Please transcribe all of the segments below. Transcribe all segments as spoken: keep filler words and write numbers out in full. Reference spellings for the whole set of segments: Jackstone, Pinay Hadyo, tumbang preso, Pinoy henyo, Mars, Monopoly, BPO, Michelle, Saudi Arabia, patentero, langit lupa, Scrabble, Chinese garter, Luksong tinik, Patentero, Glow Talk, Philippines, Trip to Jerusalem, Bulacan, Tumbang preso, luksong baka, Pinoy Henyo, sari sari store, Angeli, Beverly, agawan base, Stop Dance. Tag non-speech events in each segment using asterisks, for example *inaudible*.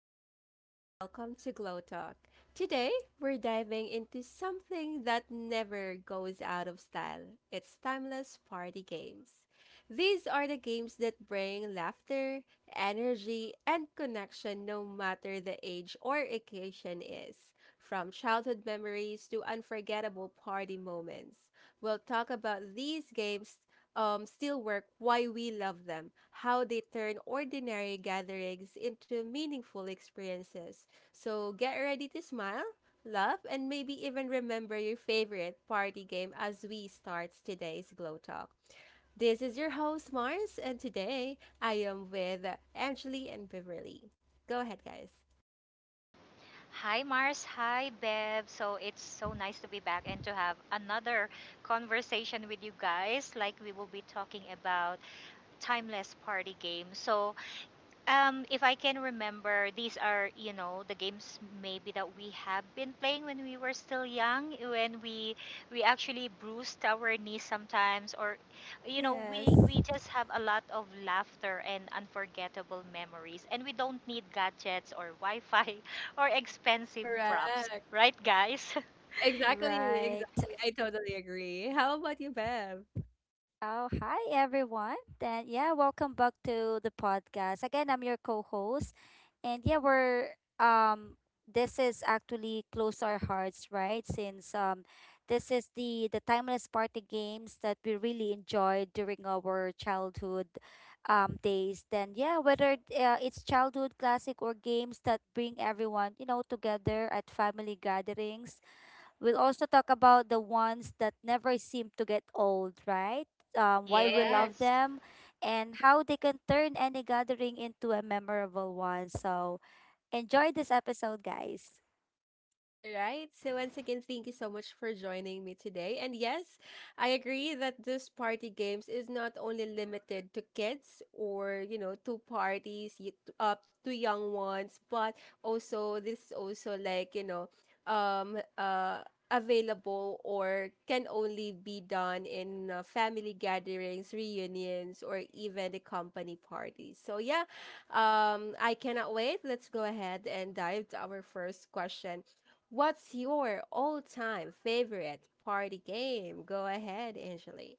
everyone, and welcome to Glow Talk. Today, we're diving into something that never goes out of style, it's timeless party games. These are the games that bring laughter, energy, and connection no matter the age or occasion is. From childhood memories to unforgettable party moments, we'll talk about these games um, still work, why we love them, how they turn ordinary gatherings into meaningful experiences. So get ready to smile, laugh, and maybe even remember your favorite party game as we start today's Glow Talk. This is your host, Mars, and today I am with Angeli and Beverly. Go ahead, guys. Hi Mars, hi Bev. So it's so nice to be back and to have another conversation with you guys. Like we will be talking about timeless party games. So um, if I can remember, these are, you know, the games maybe that we have been playing when we were still young, when we we actually bruised our knees sometimes, or, you know, Yes, we we just have a lot of laughter and unforgettable memories, and we don't need gadgets or Wi-Fi *laughs* or expensive props, Correct. right, guys? Exactly, right. exactly. I totally agree. How about you, Bev? Oh, hi everyone. Then yeah, welcome back to the podcast. Again, I'm your co-host, and yeah, we're um this is actually close to our hearts, right? Since um this is the the timeless party games that we really enjoyed during our childhood um days. Then yeah, whether uh, it's childhood classic or games that bring everyone, you know, together at family gatherings. We'll also talk about the ones that never seem to get old, right? Um, why we Correct. love *laughs* Yes. them and how they can turn any gathering into a memorable one. So enjoy this episode, guys. All right. So once again, thank you so much for joining me today. And yes, I agree that this party games is not only limited to kids or, you know, to parties, y- to- uh, to young ones, but also this is also, like, you know, um, uh, available or can only be done in uh, family gatherings, reunions, or even the company parties. So yeah, um, I cannot wait. Let's go ahead and dive to our first question. What's your all-time favorite party game? Go ahead, Angeli.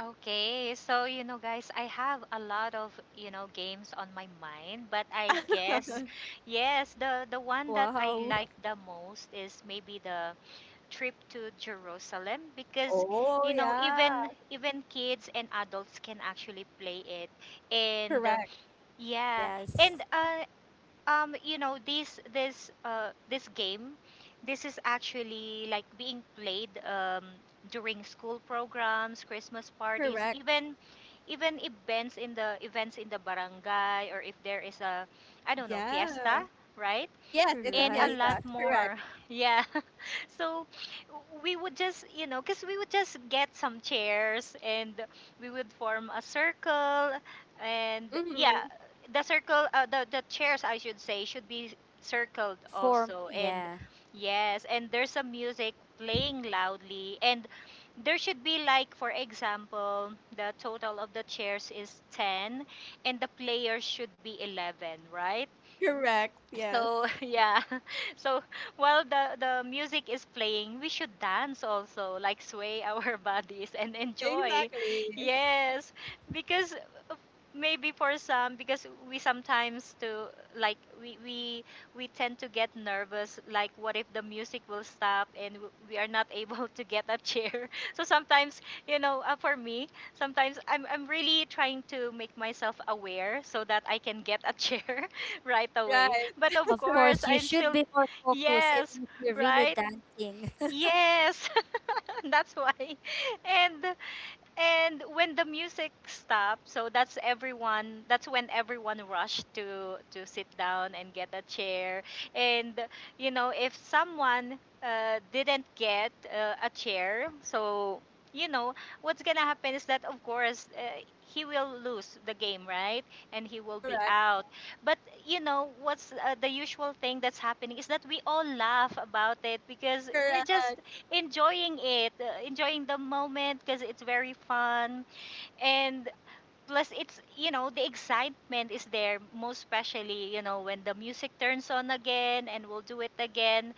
Okay, so you know, guys, I have a lot of you know games on my mind, but I *laughs* guess, yes, the the one that I Wow. like *laughs* the most is maybe the trip to Jerusalem because Oh, you know yeah. even even kids and adults can actually play it, and uh, Correct. yeah, Yes. and uh, um you know this this uh this game, this is actually like being played um during school programs, christmas parties, Correct. even even events in the events in the barangay, or if there is a, I don't know, fiesta, Yeah. right, Yes, it's a and a Right. lot fiesta. Correct. more. *laughs* Yeah. *laughs* So we would just, you know, because we would just get some chairs and we would form a circle. And yeah, Hmm. the circle, uh, the, the chairs, I should say, should be circled Form. also. And Yeah. yes, and there's some music playing loudly. And there should be, like, for example, the total of the chairs is ten and the players should be eleven, right? Correct. Yes. So *laughs* yeah, *laughs* so while the the music is playing, we should dance also, like sway our *laughs* bodies and enjoy. Exactly. Yes, because maybe for some because we sometimes to like we we we tend to get nervous, like what if the music will stop and w- we are not *laughs* able to get a chair. *laughs* So sometimes, you know, uh, for me, sometimes i'm i'm really trying to make myself aware so that I can get a chair *laughs* right away, Right. but of Of course course, you I'm should still, be more focused yes, even if you're really right, dancing. yes. *laughs* That's why, and and when the music stopped, so that's everyone. That's when everyone rushed to to sit down and get a chair. And you know, if someone, uh, didn't get uh, a chair, so you know what's gonna happen is that of course uh, he will lose the game, right? And he will be Correct. out. But you know what's, uh, the usual thing that's happening is that we all laugh about it because we're just Correct. enjoying it, uh, enjoying the moment because it's very fun. And plus, it's, you know, the excitement is there, most especially, you know, when the music turns on again and we'll do it again.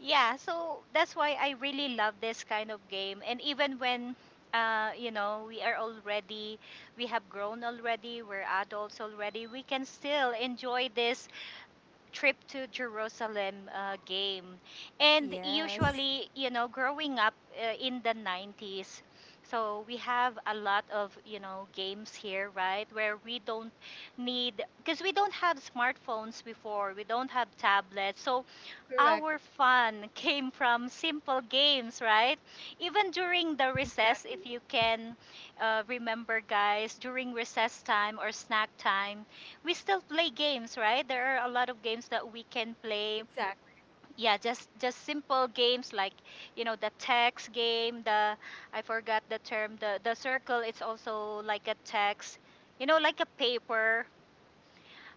Yeah, so that's why I really love this kind of game. And even when, uh, you know, we are already, we have grown already, we're adults already, we can still enjoy this trip to Jerusalem uh, game. *laughs* And yes. usually, you know, growing up, uh, in the nineties, so we have a lot of, you know, games here, right? Where we don't need, because we don't have smartphones before, we don't have tablets. So Correct. our fun came from simple games, right? Even during the recess, if Exactly. you can, uh, remember, guys, during recess time or snack time, we still play games, right? There are a lot of games that we can play. Exactly. Yeah, just just simple games like you know the text game. The I forgot the term. The the circle. It's also like a text. You know, like a paper,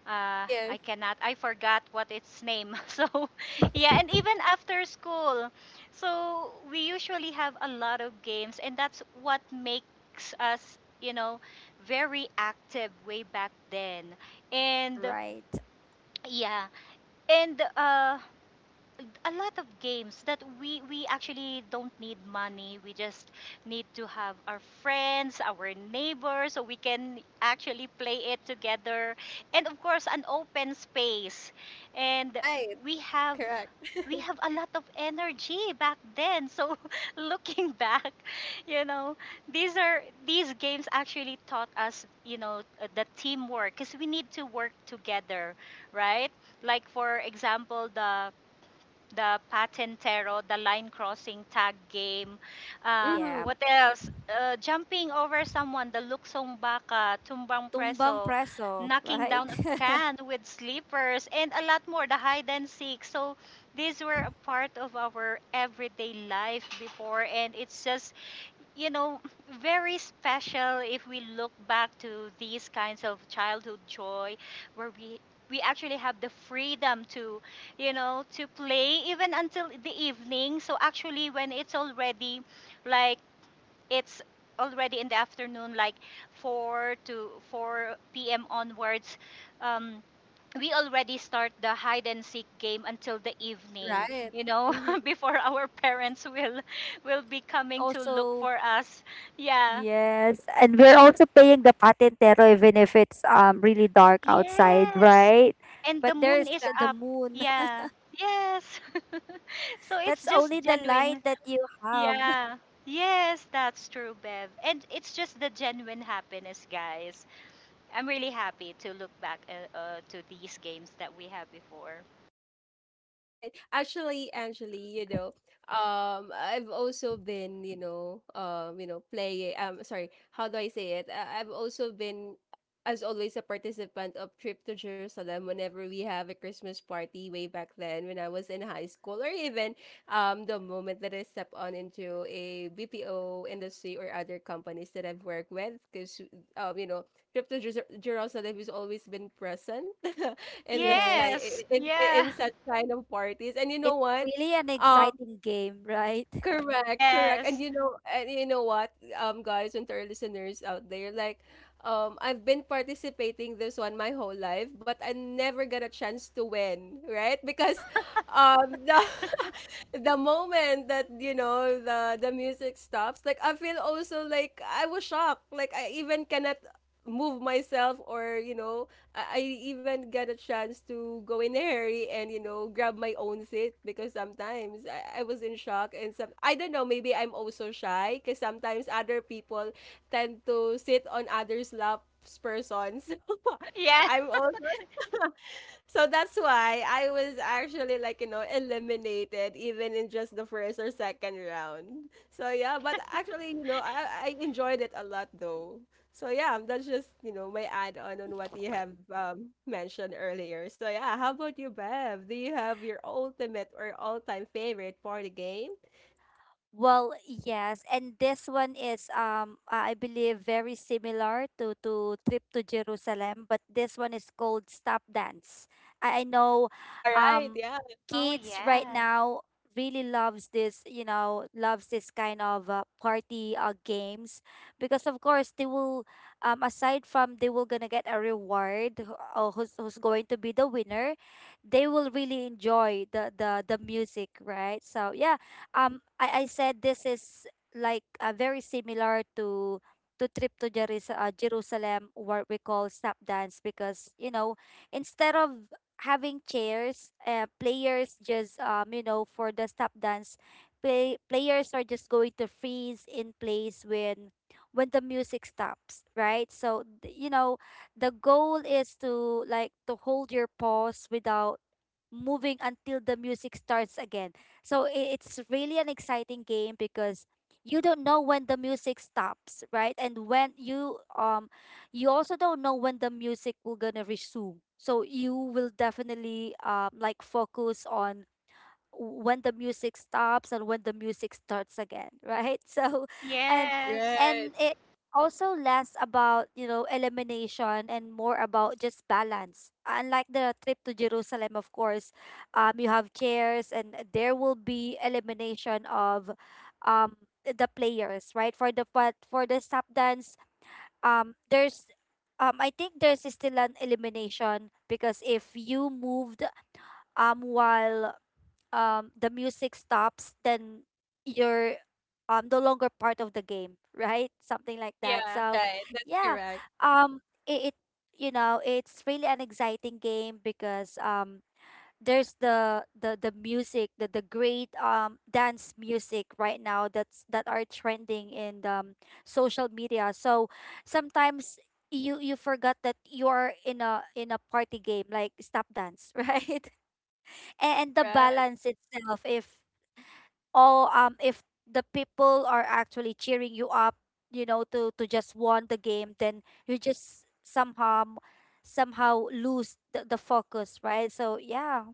uh, I Yes. cannot. I forgot what its name. *laughs* So, yeah, and even after school. So, we usually have a lot of games, and that's what makes us, you know, very active way back then. And Right. yeah, and uh, a lot of games that we we actually don't need money, we just need to have our friends, our neighbors, so we can actually play it together, and of course an open space. And Right. we have, Correct. *laughs* we have a lot of energy back then, so *laughs* looking back, you know, these are these games actually taught us, you know, uh, the teamwork because we need to work together, right? Like for example the the patentero, the line crossing tag game. Uh, Yeah. Hmm. what else? Uh, jumping over someone, the luksong baka, tumbang Tumbang preso, preso, knocking right? down a *laughs* can with sleepers, and a lot more, the hide and seek. So these were a part of our everyday life before, and it's just, you know, very special if we look back to these kinds of childhood joy where we we actually have the freedom to, you know, to play even until the evening. So actually when it's already like, it's already in the afternoon like four to four p.m onwards, um, we already start the hide and seek game until the evening, Right. you know, Hmm. *laughs* before our parents will will be coming to look also. for us. Yeah, Yes, and we're also paying the patentero even if it's um really dark outside, yes. right? And But the moon there's is th- the up. moon. Yeah, yes. *laughs* So *laughs* it's That's just only the light genuine. that you have. Yeah, yes, that's true, Bev. And it's just the genuine happiness, guys. I'm really happy to look back, uh, uh, to these games that we had before. Right. Actually, Actually, you know, um, I've also been, you know, um, you know, play. Um, sorry, how do I say it? I- I've also been, as always, a participant of trip to Jerusalem whenever we have a Christmas party way back then when I was in high school, or even, um, the moment that I step on into a B P O industry or other companies that I've worked with, because, um, you know, trip to Jer- Jerusalem has always been present *laughs* in the sky Yes. Yes, in, in, yeah, in such kind of parties. And you It's know what? really an um exciting game, right? Correct, correct. And yes. you know, and you know what, um guys, and to our listeners out there, like, um I've been participating this one my whole life, but I never got a chance to win, right? Because um the *laughs* the moment that, you know, the the music stops, like, I feel also like I was shocked, like I even cannot move myself, or, you know, I I even got a chance to go in there and, you know, grab my own seat. Because sometimes I, I was in shock, and some, I don't know, maybe I'm also shy, because sometimes other people tend to sit on others laps persons. *laughs* Yeah. I'm also, so that's why I was actually, like, you know, eliminated even in just the first or second round. So yeah, but actually, you know, I, I enjoyed it a lot though. So yeah, that's just, you know, my add on on what you have *laughs* um, mentioned earlier. So yeah, how about you, Bev? Do you have your ultimate or all-time favorite party game? Well, yes, and this one is um I believe very similar to to Trip to Jerusalem, but this one is called Stop Dance. I, I know All right, um yeah. Oh, kids right yeah. now really loves this, you know, loves this kind of uh, party uh, games because of course they will um aside from they will gonna get a reward who- uh, who's who's going to be the winner, they will really enjoy the the the music, right? So yeah, um I, I said this is like uh, very similar to to trip to Jeris- uh, Jerusalem, what we call snap dance because you know instead of having chairs, uh, players just um you know for the snap dance play, players are just going to freeze in place when when the music stops, right? So th- you know the goal is to like to hold your pause without moving until the music starts again. So i- it's really an exciting game because you don't know when the music stops, right? And when you um you also don't know when the music will gonna resume. So you will definitely um like focus on when the music stops and when the music starts again, right? *laughs* So and Yes. and Right. it also less about you know elimination and more about just balance, unlike the trip to Jerusalem. Of course, um you have chairs and there will be elimination of um the players, right? For the, but for the step dance, um there's um I think there's still an elimination because if you moved um while um the music stops, then you're um no longer part of the game, right? Something like that. Yeah. So Right. That's yeah, correct. um it, it you know it's really an exciting game because um there's the the the music, the the great um dance music right now that's that are trending in um social media. So sometimes you you forgot that you are in a in a party game like stop dance. *laughs* Right. And the Correct. balance itself, if all um if the people are actually cheering you up, you know, to to just won the game, then you just somehow somehow lose the, the focus, right? So yeah,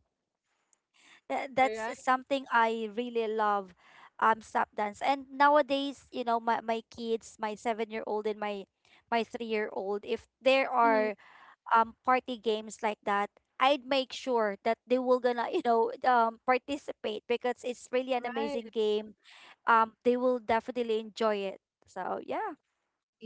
tha- All that's right. something I really love, um step dance. And nowadays you know my, my kids, my seven year old and my my three year old, if there Mm, are um party games like that, I'd make sure that they will gonna, *laughs* you know, um participate because it's really an right. amazing game. Um they will definitely enjoy it. So yeah.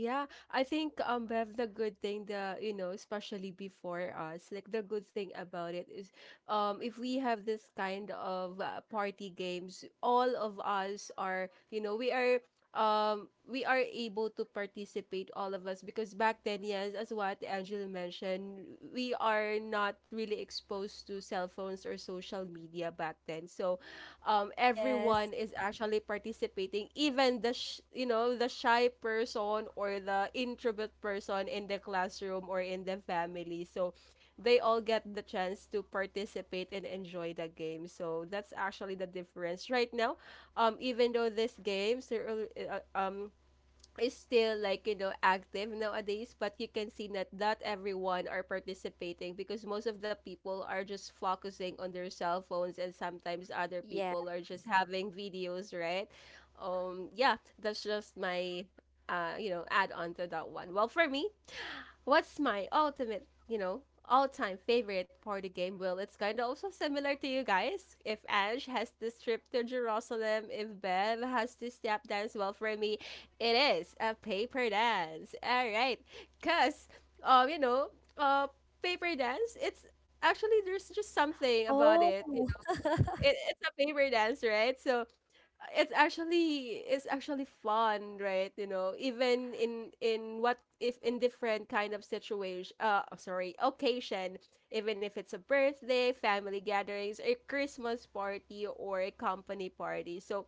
Yeah, I think, um Bev, the good thing, the, you know, especially before us, like, the good thing about it is, um if we have this kind of uh, party games, all of us are, you know, we are um we are able to participate, all of us, because back then, yes, as what Angela mentioned, we are not really exposed to cell phones or social media back then. So um, everyone Yes. is actually participating, even the sh- you know, the shy person or the introvert person in the classroom or in the family. So they all get the chance to participate and enjoy the game. So that's actually the difference right now. Um, even though this game, so, uh, um, is still, like, you know, active nowadays, but you can see that not everyone are participating, because most of the people are just focusing on their cell phones, and sometimes other Yeah. people are just having videos, right? Um yeah, that's just my uh you know, add on to that one. Well, for me, what's my ultimate, you know, all-time favorite party game? Well, it's kind of also similar to you guys. If Ange has this trip to Jerusalem, if Bev has this tap dance, well, for me, it is a paper dance. All right, cause, um, you know, uh, paper dance, it's actually, there's just something about Oh it. You know, *laughs* it, it's a paper dance, right? So it's actually, it's actually fun, right? You know, even in in what if in different kind of situation, uh oh, sorry, occasion, even if it's a birthday, family gatherings, a Christmas party, or a company party. So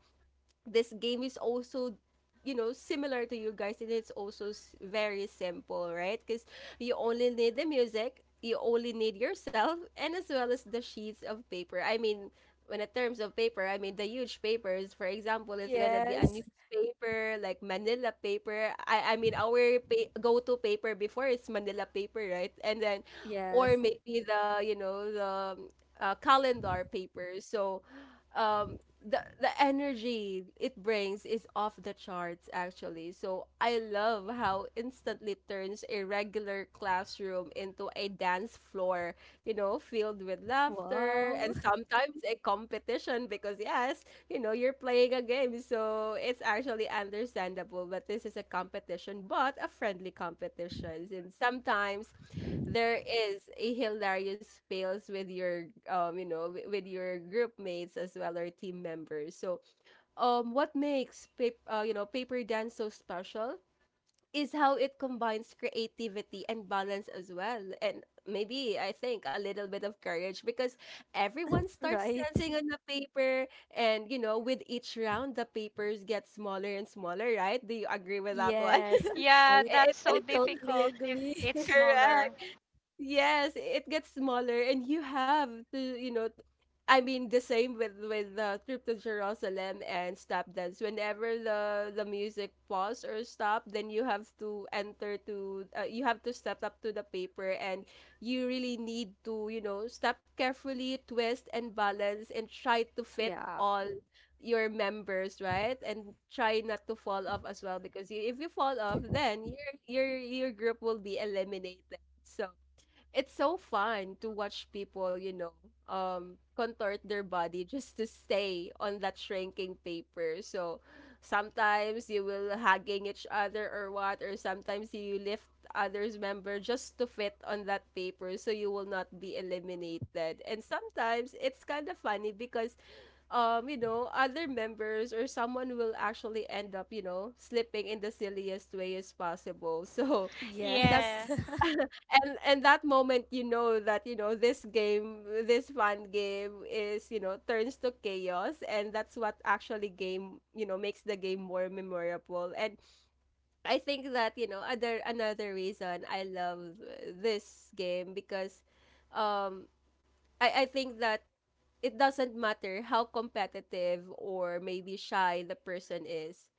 this game is also, you know, similar to you guys, and it's also s- very simple, right? Because you only need the music, you only need yourself, and as well as the sheets of paper. I mean, when in terms of paper, I mean the huge papers, for example, it's gonna be a yes. newspaper, like manila paper. I i mean our pa- go-to paper before is manila paper, right? And then or Yes. maybe the, you know, the um, uh, calendar paper. So um the the energy it brings is off the charts actually. So I love how instantly turns a regular classroom into a dance floor, you know, filled with laughter Wow. and *laughs* sometimes a competition, because yes, you know, you're playing a game, so it's actually understandable, but this is a competition, but a friendly competition, and sometimes there is a hilarious fails with your, um you know, wi- with your group mates as well, or team members. So um what makes pap- uh, you know, paper dance so special is how it combines creativity and balance as well, and maybe, I think, a little bit of courage. Because everyone starts Right. dancing on the paper, and you know, with each round the papers get smaller and smaller, right? Do you agree with that one? *laughs* Yes. Yeah, I that's It, so I *laughs* totally difficult if agree. it's *laughs* smaller. correct. Yes, it gets smaller, and you have to, you know, t- I mean, the same with with the trip to Jerusalem and stop dance. Whenever the the music pause or stop, then you have to enter to, uh, you have to step up to the paper, and you really need to, you know, step carefully, twist and balance, and try to fit yeah. all your members, right? And try not to fall off as well, because you, if you fall off, then your your your group will be eliminated. So it's so fun to watch people, you know, um, contort their body just to stay on that shrinking paper. So sometimes you will hugging each other or what, or sometimes you lift others member just to fit on that paper so you will not be eliminated. And sometimes it's kind of funny because, um, you know, other members or someone will actually end up, you know, slipping in the silliest way as possible. So that's Yeah. Yes. *laughs* *laughs* and and that moment, you know, that, you know, this game, this fun game is, you know, turns to chaos, and that's what actually game, you know, makes the game more memorable. And I think that, you know, other, another reason I love this game, because um I, I think that it doesn't matter how competitive or maybe shy the person is.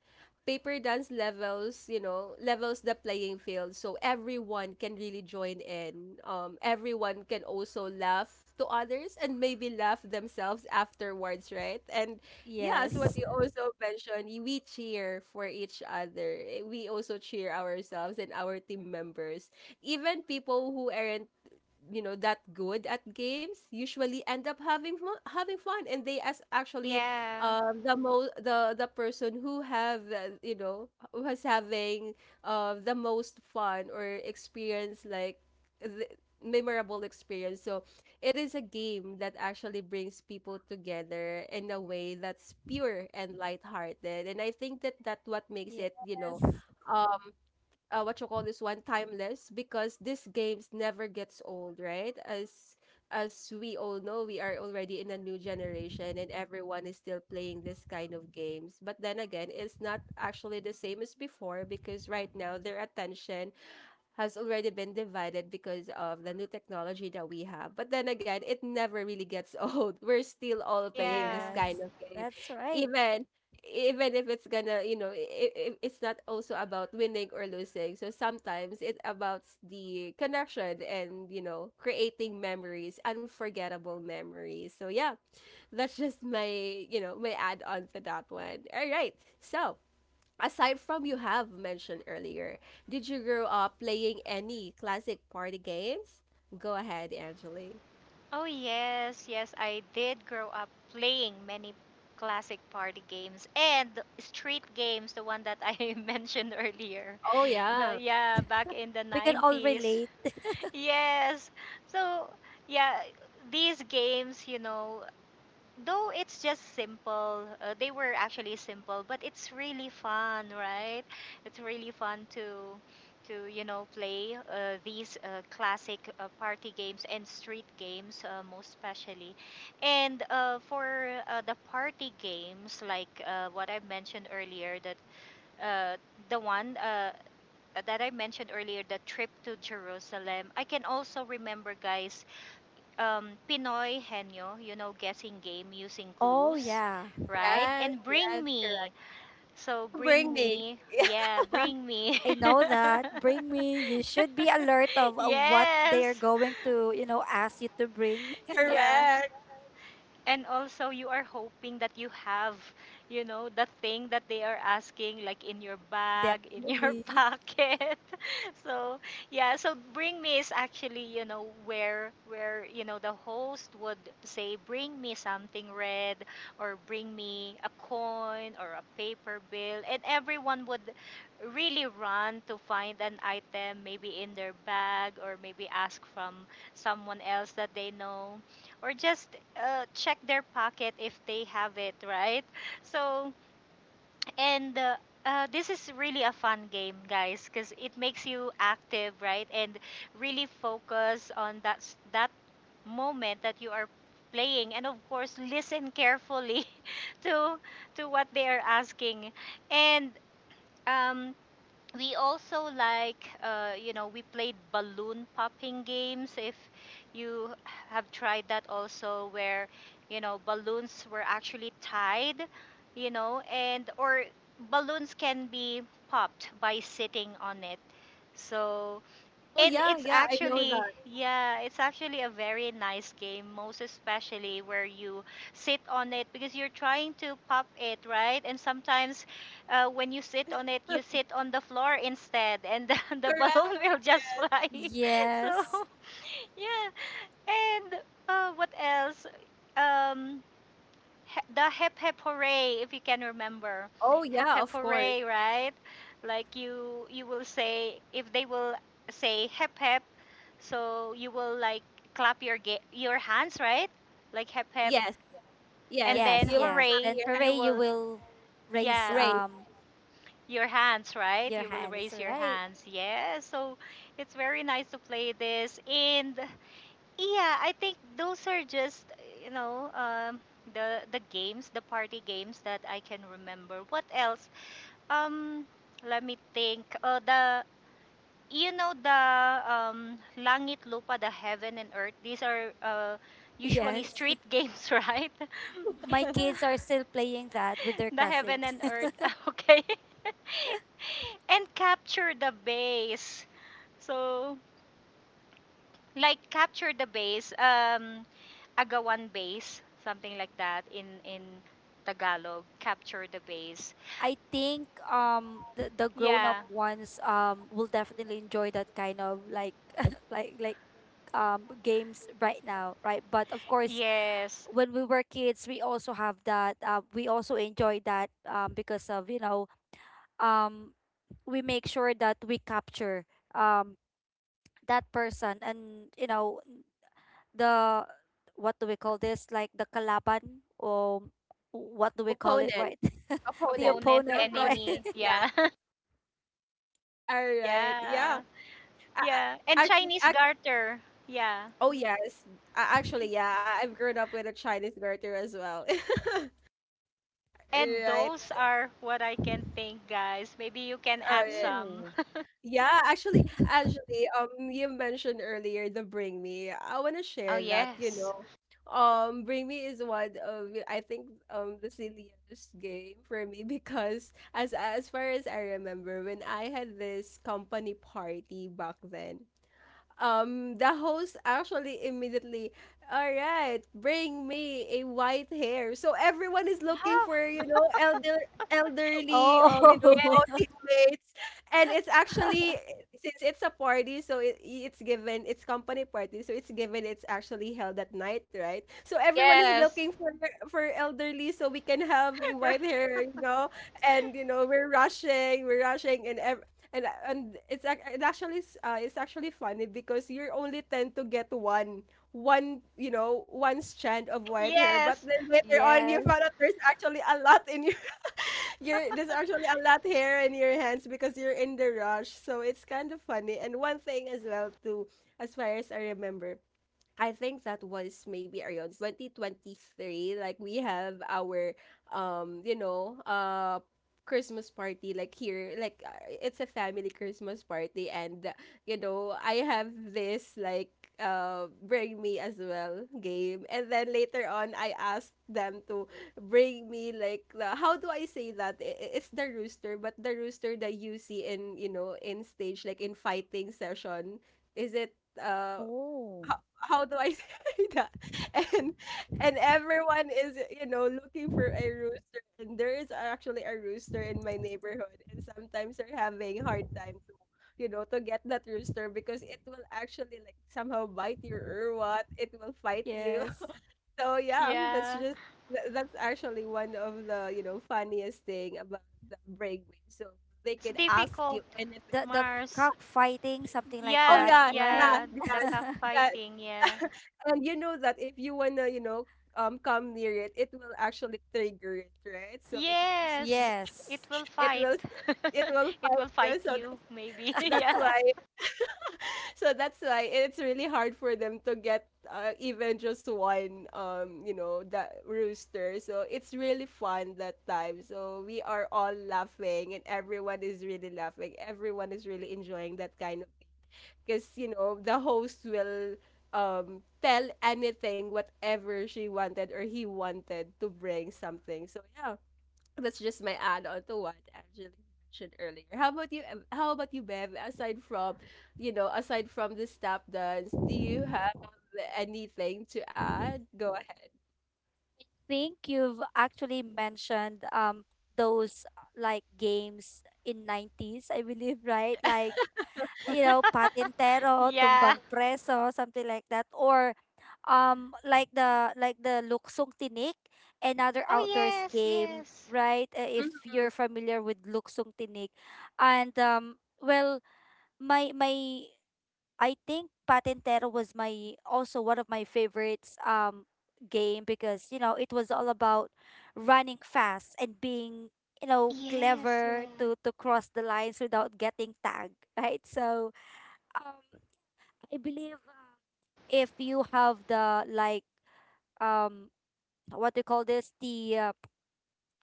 Paper dance levels, you know, levels the playing field so everyone can really join in. Um, everyone can also laugh to others and maybe laugh themselves afterwards, right? And yeah, as what Yes. you also mentioned, y- we cheer for each other. Eh, we also cheer ourselves and our team members. Even people who aren't, you know, that good at games usually end up having fu- having fun, and they as actually Yeah. um the most, the the person who have, uh, you know, who was having uh the most fun or experience, like the memorable experience. So it is a game that actually brings people together in a way that's pure and lighthearted, and I think that, that what makes Yes. it, you know, uh, what you call this one, timeless, because these games never gets old, right? as as we all know, we are already in a new generation, and everyone is still playing this kind of games, but then again, it's not actually the same as before, because right now their attention has already been divided because of the new technology that we have. But then again, it never really gets *laughs* old. We're still all playing this Yeah. kind Yes. of game, That's right. even even if it's gonna, you know, it, it's not also about winning or losing. So sometimes it's about the connection and, you know, creating memories, unforgettable memories. So yeah, that's just my, you know, my add on to that one. All right, so aside from you have mentioned earlier, did you grow up playing any classic party games? Go ahead, Angeli. Oh, yes. Yes, I did grow up playing many classic party games and the street games, the one that I *laughs* mentioned earlier. Oh But yeah. yeah, back in the We can all nineties. relate. Yes. So, yeah, these games, you know, though it's just simple, uh, they were actually simple, but it's really fun, right? It's really fun to to you know play, uh, these uh, classic uh, party games and street games, uh, most especially. And uh, for uh, the party games, like, uh, what I mentioned earlier, that uh, the one uh, that I mentioned earlier, the trip to Jerusalem. I can also remember, guys, um, Pinoy Henyo, you know, guessing game using Oh, clues, yeah. right? Yes, And bring yes, me. correct. So Oh, bring bring me. me. Yeah, *laughs* bring me. I know that. Bring me. You should be alert *laughs* of uh, what they're Yes. going to, you know, ask you to bring. Yeah. Yeah. Correct. And also you are hoping that you have, you know, the thing that they are asking, like in your *laughs* bag, in your *laughs* Definitely. pocket. *laughs* So yeah, so bring me is actually, you know, where where you know the host would say bring me something red, or bring me a coin or a paper bill, and everyone would really run to find an item maybe in their bag, or maybe ask from someone else that they know, or just, uh, check their pocket if they have it, right? So, and uh, uh, this is really a fun game, guys, because it makes you active, right? And really focus on that s- that moment that you are playing, and of course, listen carefully *laughs* to to what they are asking. And um, we also like, uh, you know, we played balloon popping games, if you have tried that also, where you know balloons were actually tied, you know, and or balloons can be popped by sitting on it. So, Oh and yeah, it's yeah, I know actually, that. yeah, it's actually a very nice game, most especially where you sit on it because you're trying to pop it, right? And sometimes, uh, when you sit on it, you *laughs* sit on the floor instead, and the, *laughs* the balloon will Correct. just Yeah. fly. *laughs* So, Yes. yeah. And uh, what else? Um, he- the hep hep hooray, if you can remember. Oh Hep yeah, hep of course. hooray, right? Like you, you will say, if they will say hep hep, so you will like clap your ga- your hands, right? Like hep hep, Yes, and yes. then Yes, You'll be yes. clapping hooray! Then your hooray, You hands. you will, will raise yeah, Race, um your hands, right? your You will hands, raise your right? hands. Yeah. So it's very nice to play this, and yeah, I think those are just, you know, um, the the games, the party games that I can remember. What else? Um, let me think. Uh, the you know the, um, langit lupa, the heaven and earth, these are, uh, usually Yes. *laughs* street *laughs* games, right? My kids are still playing that with their *laughs* The heaven cousins. and *laughs* earth. *laughs* Okay. *laughs* And capture the base, so like capture the base, um, agawan base, something like that, in in tagalog, capture the base. I think um the, the grown up Yeah, ones um will definitely enjoy that kind of like *laughs* like like um games right now, right? But of course, yes. when we were kids we also have that, uh, we also enjoy that, um, because of you know, um, we make sure that we capture um, that person, and you know the, what do we call this, like the kalaban, or what do we call it, opponent, right? *laughs* The opponent, Opponent, no opponent, right? opponent. enemy, Yeah. yeah. All *laughs* right. Yeah. Yeah. I, Yeah, and I, Chinese actually, garter. Yeah. oh yes, A- actually, yeah, I- I've grown up with a Chinese garter as well. *laughs* And Right. those are what I can think, guys. Maybe you can All add right. some. *laughs* Yeah, actually, actually, um, you mentioned earlier the Bring Me. I want to Oh, share that, you yes. know. Um, Bring Me is one of, I think, um, the silliest game for me *laughs* because as as far as I remember, when I had this company party back then, um the host actually immediately, all right, bring me a white hair, so everyone is looking for, Oh. you know, elder, *laughs* elderly, um you know, Oh. Yes. co-teammates. And it's actually, since it's a party, so it, it's given, it's company party, so it's given, it's actually held at night, right? So everyone is Yes. looking for for elderly so we can have a white *laughs* hair, you know. And you know, we're rushing we're rushing and and and it's ac- it actually s- uh, it's actually funny because you only tend to get one one you know, one strand of white hair, but Yes. then *laughs* later on you Yes. found out there's actually a lot in your, *laughs* your, there's actually a lot hair in your hands because you're in the rush, so it's kind of funny. And one thing as well too, as far as I remember, I think that was maybe around twenty twenty-three. Like we have our, um, you know, uh, Christmas party like here. Like uh, it's a family Christmas party, and uh, you know, I have this like uh bring me as well game, and then later on I asked them to bring me like the, how do I say that, I- i- it's the rooster, but the rooster that you see in, you know, in stage like in fighting session, is it uh Oh, how do I *laughs* say that? And and everyone is, you know, looking for a rooster. And there is actually a rooster in my neighborhood. And sometimes they're having hard time to, you know, to get that rooster because it will actually like somehow bite you or what. It will fight you. yes. *laughs* So yeah, that's Yeah. just tha- that's actually one of the, you know, funniest thing about the breakaway. So they That's could ask difficult, you anything. the the Mars. cockfighting, something like Oh Yeah, that, yeah, right? yeah, yeah, the yeah. That cockfighting, yeah. *laughs* and you know that if you wanna, you know, um, come near it, it will actually trigger it, right? So it will, s- Yes. Yes. It will it fight. will, s- *laughs* it will It fight will fight you. So that's you, maybe. *laughs* that's Yeah. why, *laughs* so that's why it's really hard for them to get uh, even just one, um, you know, that rooster. So it's really fun that time. So we are all laughing, and everyone is really laughing. Everyone is really enjoying that kind of, because you know the host will um tell anything whatever she wanted or he wanted to bring something. So yeah, that's just my add-on to what Angela mentioned earlier. How about you, Em- how about you, Bev? Aside from, you know, aside from the step dance, do you have anything to add? Go ahead. Think you've actually mentioned um those uh, like games in nineties, I believe, right? Like, you know, *laughs* patintero, Yeah. tumbang preso, something like that, or um like the like the luksong tinik, another Oh, outdoors yes, game, yes. right? Uh, If you're familiar with luksong tinik, and um well, my my I think Patentero was my also one of my favorites um game, because you know it was all about running fast and being you know Yes, clever yeah. to to cross the lines without getting tagged. *laughs* Right. So um I believe um, if you have the like, um what do you call this, the uh,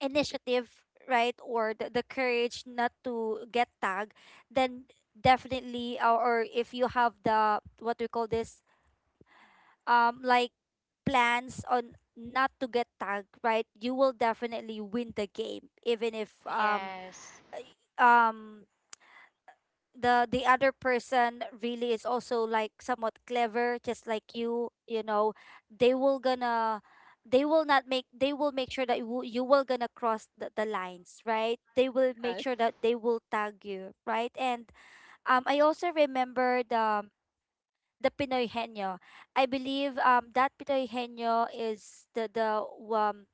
initiative, right? Or the, the courage not to get tagged, then definitely. or, or if you have the what do you call this, um like plans on not to get tagged, right? You will definitely win the game, even if um Yes. um the the other person really is also like somewhat clever, just like you. You know, they will gonna, they will not make, they will make sure that you, will- you will gonna cross the, the lines, right? They will make Yes. sure that they will tag you, right? And um I also remember the the Pinoy Henyo. I believe um that Pinoy Henyo is the the um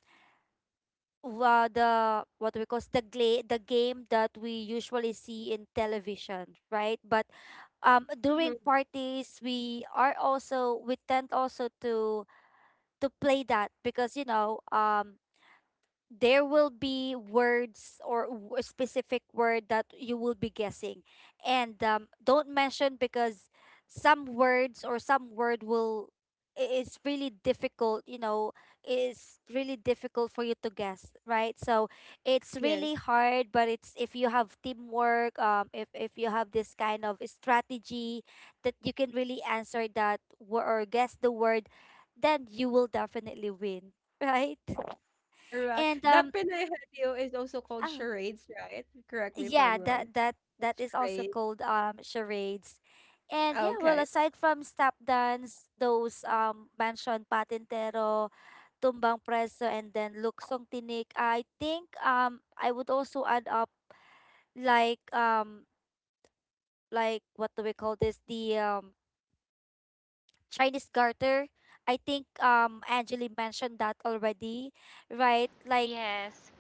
wa the what we call the gla- the game that we usually see in television, right? But um during Hmm. parties we are also we tend also to to play that, because you know um there will be words or w- a specific word that you will be guessing. And um, don't mention, because some words or some word will i- is really difficult, you know, is really difficult for you to guess, right? So it's really Yes, hard, but it's if you have teamwork, um if, if you have this kind of strategy, that you can really answer that wo- or guess the word, then you will definitely win. *laughs* Right. you're right, And that um Pinay Hadyo is also called oh, charades, right? Correct me if I'm yeah, wrong. that that that It's is also charades. called um charades. And yeah, well, Okay. aside from stop dance, those um mansion patintero, tumbang preso, and then luksong tinik, I think um I would also add up like um like what do we call this? The um Chinese garter. I think um Angeli mentioned that already, right? Like Yes.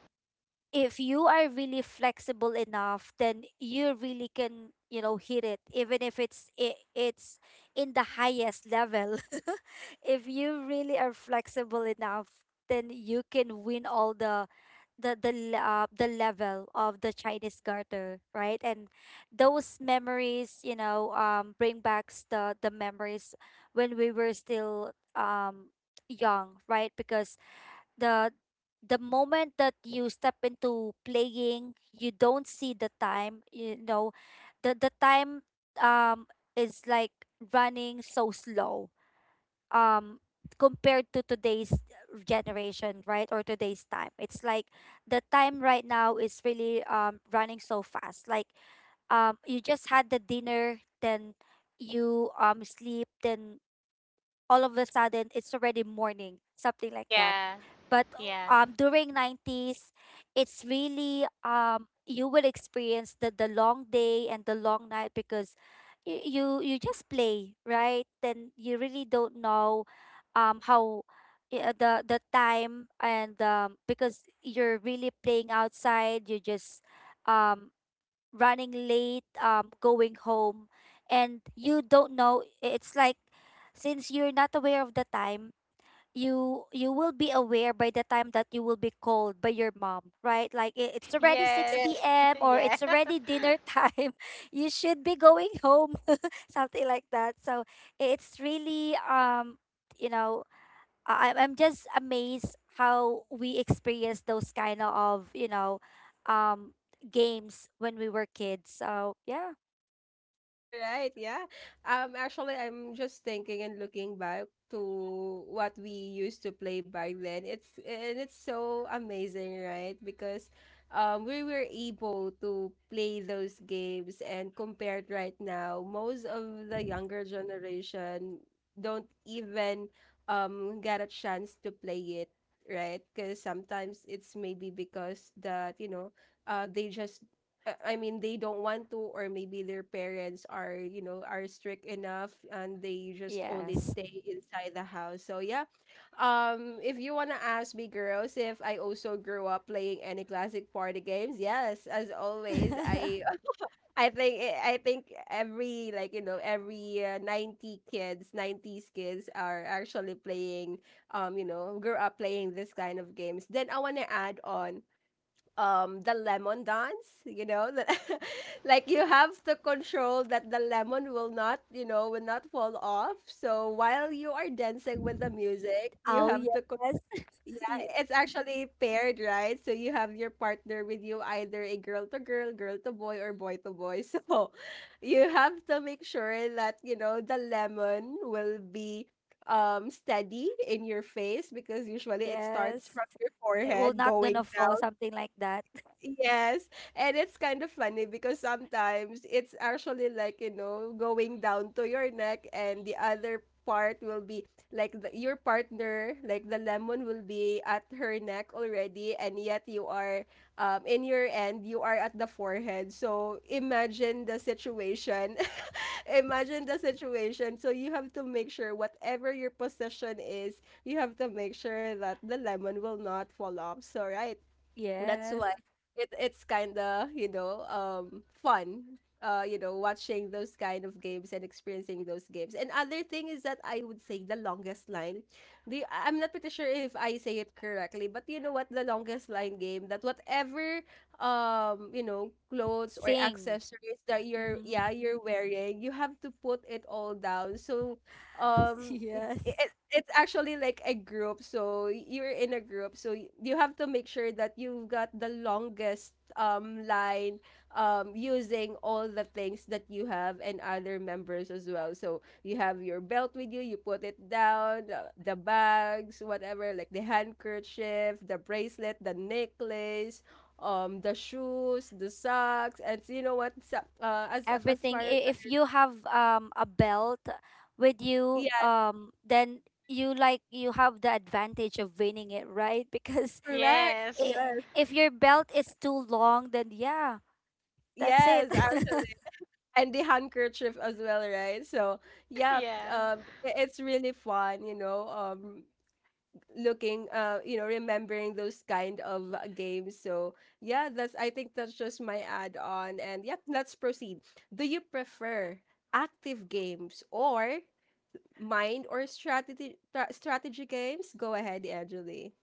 if you are really flexible enough, then you really can you know hit it even if it's it, it's in the highest level. *laughs* If you really are flexible enough, then you can win all the the the le- uh, the level of the Chinese garter, right? And those memories you know um bring back the the memories when we were still um young, right? Because the the moment that you step into playing, you don't see the time. You know, the the time um is like running so slow. Um Compared to today's generation, right? Or today's time, it's like the time right now is really um running so fast, like um you just had the dinner, then you um sleep, then all of a sudden it's already morning, something like that. Yeah. But oh, Yeah. um during nineties it's really um you will experience the the long day and the long night, because you you, you just play, right? Then you really don't know um how yeah, the the time. And um because you're really playing outside, you're just um running late um going home, and you don't know, it's like since you're not aware of the time, you you will be aware by the time that you will be called by your mom, right? Like i- it's already Yeah. Yes. *laughs* six p m p.m or Yeah. it's *laughs* already dinner time. *laughs* You should be going home. *laughs* Something like that. So it's really um you know I, i'm I'm just amazed how we experience those kind of you know um games when we were kids. So yeah. All right, yeah. Um, actually, I'm just thinking and looking back to what we used to play back then. It's, and it's so amazing, right? Because, um, we were able to play those games, and compared right now, most of the younger generation don't even um get a chance to play it, right? Because sometimes it's maybe because that, you know, uh, they just uh, I mean, they don't want to, or maybe their parents are, you know, are strict enough and they just only Yes. stay inside the house. So, yeah. Um, if you want to ask me, girls, if I also grew up playing any classic party games, yes, as always, *laughs* I, *laughs* I think, I think every, like, you know, every uh, ninety kids, nineties kids are actually playing, um, you know, grew up playing this kind of games. Then I want to add on um the lemon dance, you know that *laughs* like you have to control that the lemon will not, you know, will not fall off. So while you are dancing with the music, you Oh have to co- yes. yeah, *laughs* it's actually paired, right? So you have your partner with you, either a girl to girl, girl to boy, or boy to boy. *laughs* So you have to make sure that, you know, the lemon will be um steady in your face, because usually it starts Yes. from your It will forehead not going gonna fall, down. something like that. *laughs* Yes, and it's kind of funny because sometimes it's actually like, you know, going down to your neck, and the other part will be like the, your partner, like the lemon will be at her neck already, and yet you are um in your end, you are at the forehead. So imagine the situation. *laughs* Imagine the situation. So you have to make sure whatever your position is, you have to make sure that the lemon will not fall off. So right, that's why Yes. it, it's kind of, you know, um fun. Uh, you know, watching those kind of games and experiencing those games. And other thing is that I would say the longest line. The I- I'm not pretty sure if I say it correctly, but you know what, the longest line game, that whatever um, you know, clothes or Sing. accessories that you're you're you Mm-hmm. yeah, you're wearing, you have to put it all down. So *laughs* um it, Yes. it, it's actually like a group, so you're in a group, so y- you have to make sure that you've got the longest um line um using all the things that you have and other members as well. So you have your belt with you, you put it down, the, the bags, whatever, like the handkerchief, the bracelet, the necklace, um the shoes, the socks, and you know what, so- uh as as Everything. far as, I- If you have um a belt with you, yeah, um, then you like you have the advantage of winning it, right? *laughs* Because correct, Yes. i- yeah. if your belt is too long, then yeah, that's it. Yes, *laughs* actually. And the handkerchief as well, right? So, yeah, Yeah. um, I- it's really fun, you know, um, looking, uh, you know, remembering those kind of uh, games. So, yeah, that's, I think that's just my add-on. And yep, let's proceed. Do you prefer active games or mind or strategy tra- strategy games? Go ahead, Angeli.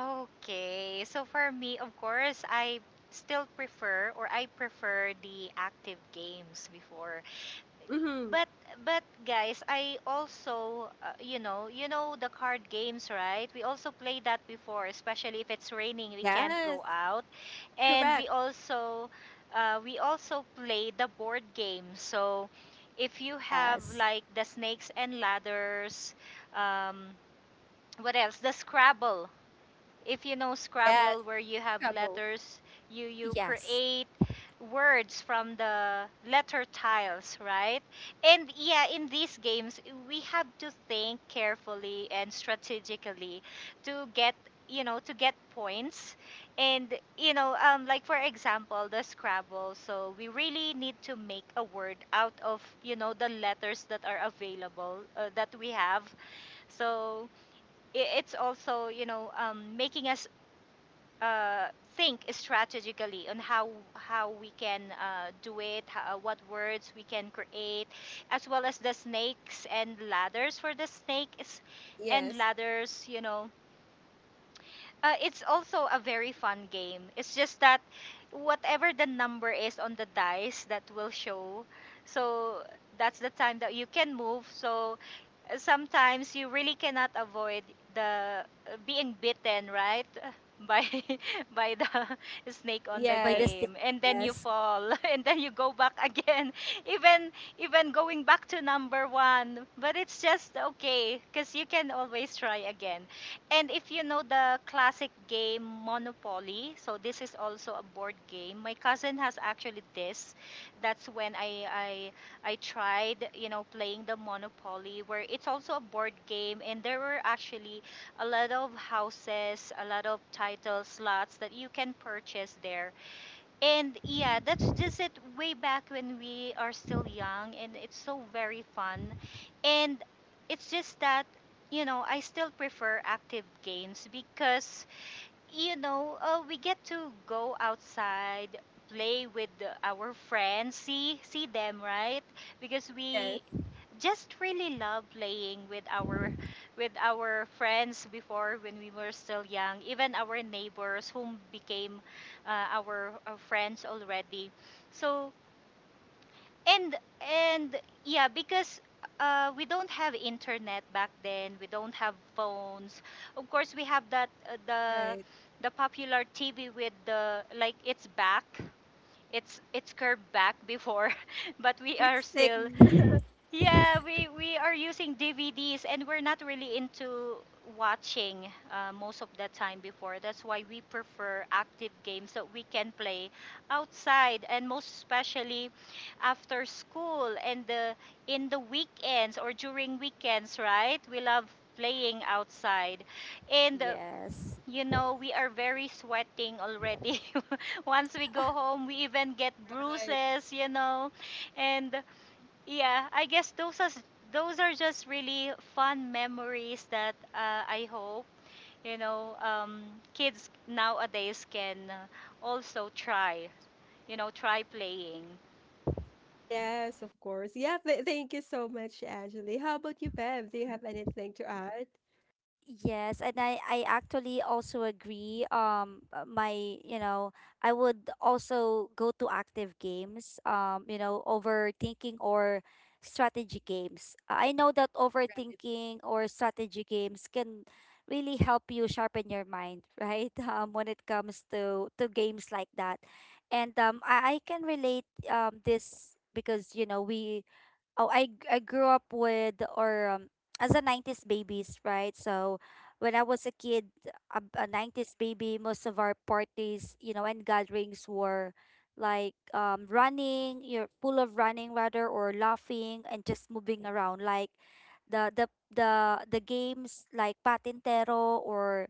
Okay. So for me, of course, I still prefer, or I prefer the active games before. Mm-hmm. But but guys, I also, uh, you know, you know the card games, right? We also play that before, especially if it's raining, we can't Yes, go out, and we correct. also, uh, we also play the board game. So if you have Yes. like the snakes and ladders, um, what else? The Scrabble if you know Yes, Scrabble where you have Scrabble. letters, you you Yes. create words from the letter tiles, right? And yeah, in these games, we have to think carefully and strategically to get you know to get points and you know um like for example the scrabble so we really need to make a word out of you know the letters that are available uh, that we have so i- it's also you know um, making a uh, think strategically on how how we can uh, do it, how, uh, what words we can create, as well as the snakes and ladders for the snakes and Yes, ladders. You know, uh, it's also a very fun game. It's just that whatever the number is on the dice that will show, so that's the time that you can move. So uh, sometimes you really cannot avoid the uh, being bitten, right? *laughs* By *laughs* by the *laughs* snake on the By the yes, stick. game, and then you Yes. fall, *laughs* and then you go back again, *laughs* even even going back to number one. But it's just okay, cause you can always try again. And if you know the classic game Monopoly, so this is also a board game. My cousin has actually this. That's when I I I tried, you know, playing the Monopoly where it's also a board game and there were actually a lot of houses, a lot of title slots that you can purchase there. And yeah, that's just it way back when we are still young and it's so very fun. And it's just that, you know, I still prefer active games because, you know, uh, we get to go outside, play with the- our friends, see see them, right? Because yes, we just really love playing with our with our friends before when we were still young even our neighbors whom became uh, our, our friends already so and and yeah because uh, we don't have internet back then we don't have phones of course we have that uh, the right. the popular tv with the like it's back it's it's curved back before *laughs* but we are It's thick, still Mm. yeah, *laughs* we we are using D V Ds and we're not really into watching uh, most of the time before. That's why we prefer active games that we can play outside and most especially after school and the in the weekends or during weekends, right? We love playing outside. And uh, Yes. you know, we are very sweating already. *laughs* Once we go home, we even get right? bruises, you know. And yeah, I guess those are those are just really fun memories that uh, I hope you know um, kids nowadays can uh, also try. You know, try playing. Yes, of course. Yeah, th thank you so much, Angeli. How about you, Bev? Do you have anything to add? Yes, and I I actually also agree. Um, uh, my you know I would also go to active games. Um, you know, overthinking or strategy games. I know that overthinking or strategy games can really help you sharpen your mind, *laughs* right? Um, when it comes to to games like that, and um, I I can relate um this, because you know we oh, I g- I grew up with or um, as a nineties babies, right? So when I was a kid, a, a nineties baby, most of our parties, you know, and gatherings were like um running, you're full of running rather or laughing and just moving around like the the the the games like patintero or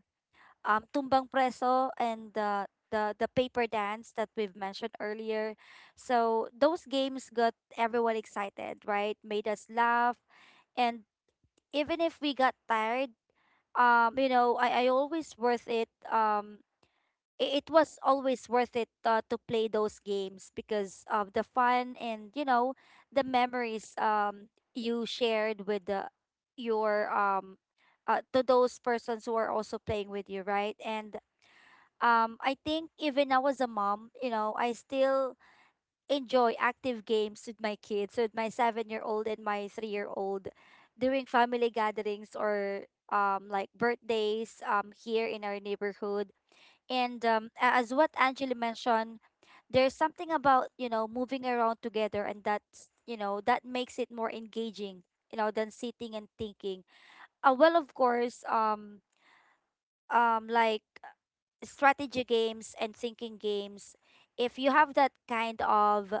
um, tumbang preso, and the the the paper dance that we've mentioned earlier. So those games got everyone excited, right? Made us laugh, and even if we got tired, um, you know, I I always worth it. Um, i- it was always worth it, uh, to play those games because of the fun, and you know the memories um you shared with the your um uh, to those persons who are also playing with you, right? And um I think even now, as a mom, you know, I still enjoy active games with my kids, with my seven year old and my three year old, during family gatherings or um like birthdays um here in our neighborhood. And um a- as what Angela mentioned, there's something about, you know, moving around together, and that's you know, that makes it more engaging, you know, than sitting and thinking. Uh, well, of course, um um like strategy games and thinking games, if you have that kind of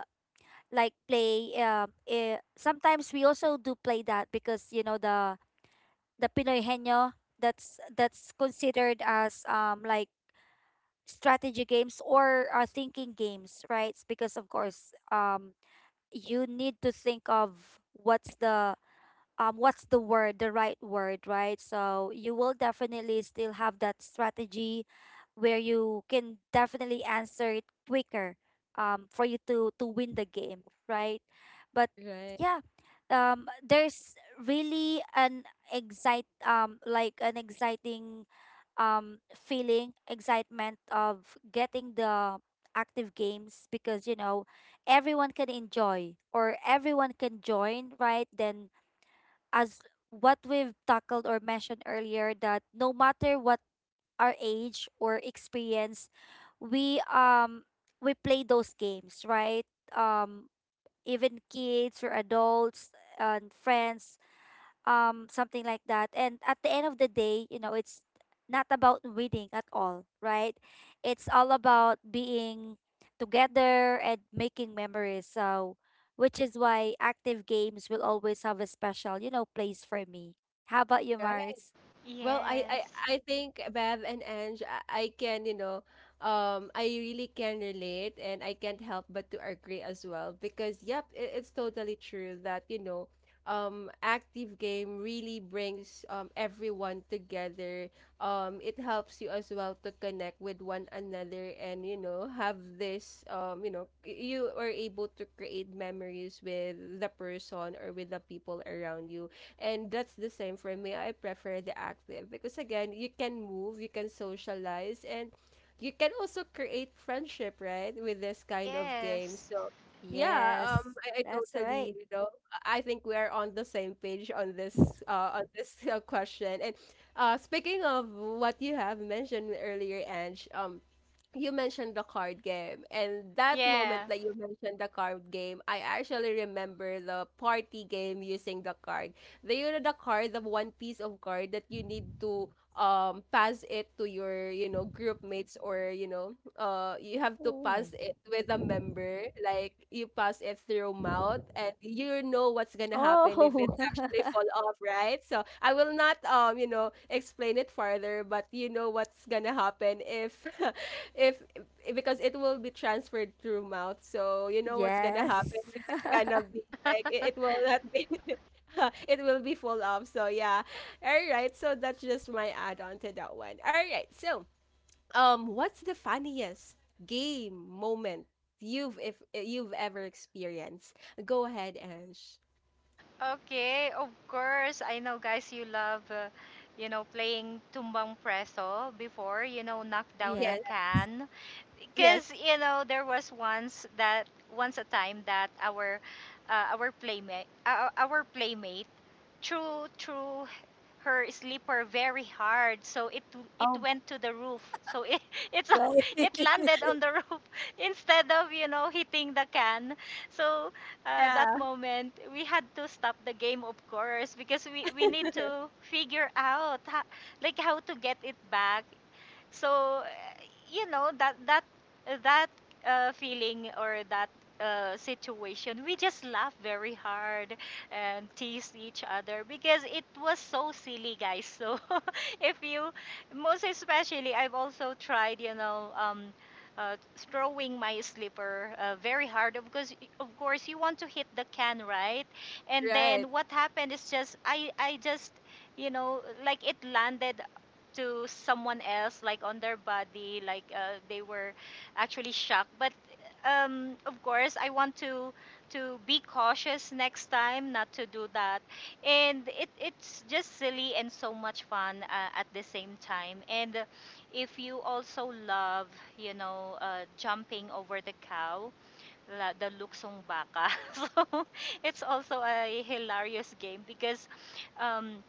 like play, um eh, sometimes we also do play that, because, you know the the Pinoy Henyo, that's that's considered as um like strategy games or uh, thinking games, right? Because of course, um you need to think of what's the um what's the word the right word, right? So you will definitely still have that strategy where you can definitely answer it quicker, um for you to to win the game, right? But Right. yeah, um there's really an excite um like an exciting um feeling, excitement of getting the active games, because, you know everyone can enjoy or everyone can join, right? Then, as what we've tackled or mentioned earlier, that no matter what our age or experience, we um we play those games, right? um Even kids or adults and friends, um something like that. And at the end of the day, you know it's not about winning at all, right? It's all about being together and making memories. So which is why active games will always have a special, you know place for me. How about you, Right. Mars? Well, I, I, Yes, I think Bev and Ange, I, I can, you know, um, I really can relate and I can't help but to agree as well, because, yep, it, it's totally true that, you know, um, active game really brings um, everyone together. Um, it helps you as well to connect with one another and, you know, have this, um, you know, y- you are able to create memories with the person or with the people around you, and that's the same for me. I prefer the active because again, you can move, you can socialize, and you can also create friendship, right, with this kind of game. yes, So yeah, um, Yes, I, I that's right. totally, you know, I I think we are on the same page on this, uh, on this uh, question. And uh, speaking of what you have mentioned earlier, Ange, um, you mentioned the card game, and that moment yeah. that you mentioned the card game, I actually remember the party game using the card, the, you know, the card, the one piece of card that you need to um pass it to your, you know, group mates, or you know, uh you have to Oh. pass it with a member, like you pass it through mouth, and you know what's gonna happen if it Oh. actually *laughs* fall off, right? So I will not um you know, explain it further, but you know what's gonna happen if *laughs* if, if because it will be transferred through mouth, so you know what's gonna Yes. happen if *laughs* it's gonna be like it, it will not be *laughs* it will be full of, so yeah, all right, so that's just my add-on to that one. All right, so um what's the funniest game moment you've, if you've ever experienced? Go ahead, Ange. Okay, of course. I know, guys, you love, uh, you know, playing tumbang preso before, you know, knock down the Yeah. Yes. can. Yes. Because, you know, there was once that, once a time that our, uh, our playmate, our, our playmate, true, true her sleeper very hard so it it Oh, went to the roof so *laughs* it it's my- right. it landed *laughs* on the *laughs* roof instead of you know hitting the can so uh, Yeah, that moment we had to stop the game of course because we we need to figure out ho- like how to get it back so, eh, you know, that that that uh, feeling or that uh, situation, we just laughed very hard and teased each other because it was so silly, guys. So, *laughs* if you, most especially, I've also tried, you know, um, uh, throwing my slipper uh, very hard because, of course, you want to hit the can, right? And right. then what happened is just I I just you know like it landed to someone else, like on their body, like uh, they were actually shocked. But um, of course, I want to to be cautious next time, not to do that. And it it's just silly and so much fun uh, at the same time. And uh, if you also love, you know, uh, jumping over the cow, la- the luksong baka, *laughs* so it's also a hilarious game because um,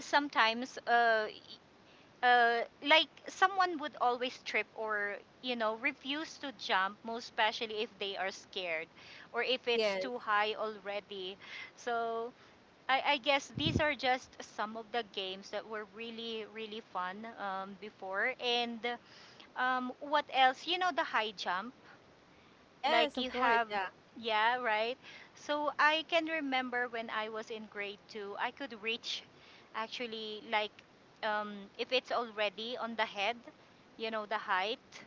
sometimes uh, uh, like someone would always trip or you know refuse to jump most especially if they are scared or if it's Yes. too high already so i, I guess these are just some of the games that were really really fun um, before and um, what else you know the high jump Yes, like of you course. have, Yeah. yeah, right? So I can remember when I was in grade two, I could reach actually like um, if it's already on the head, you know, the height.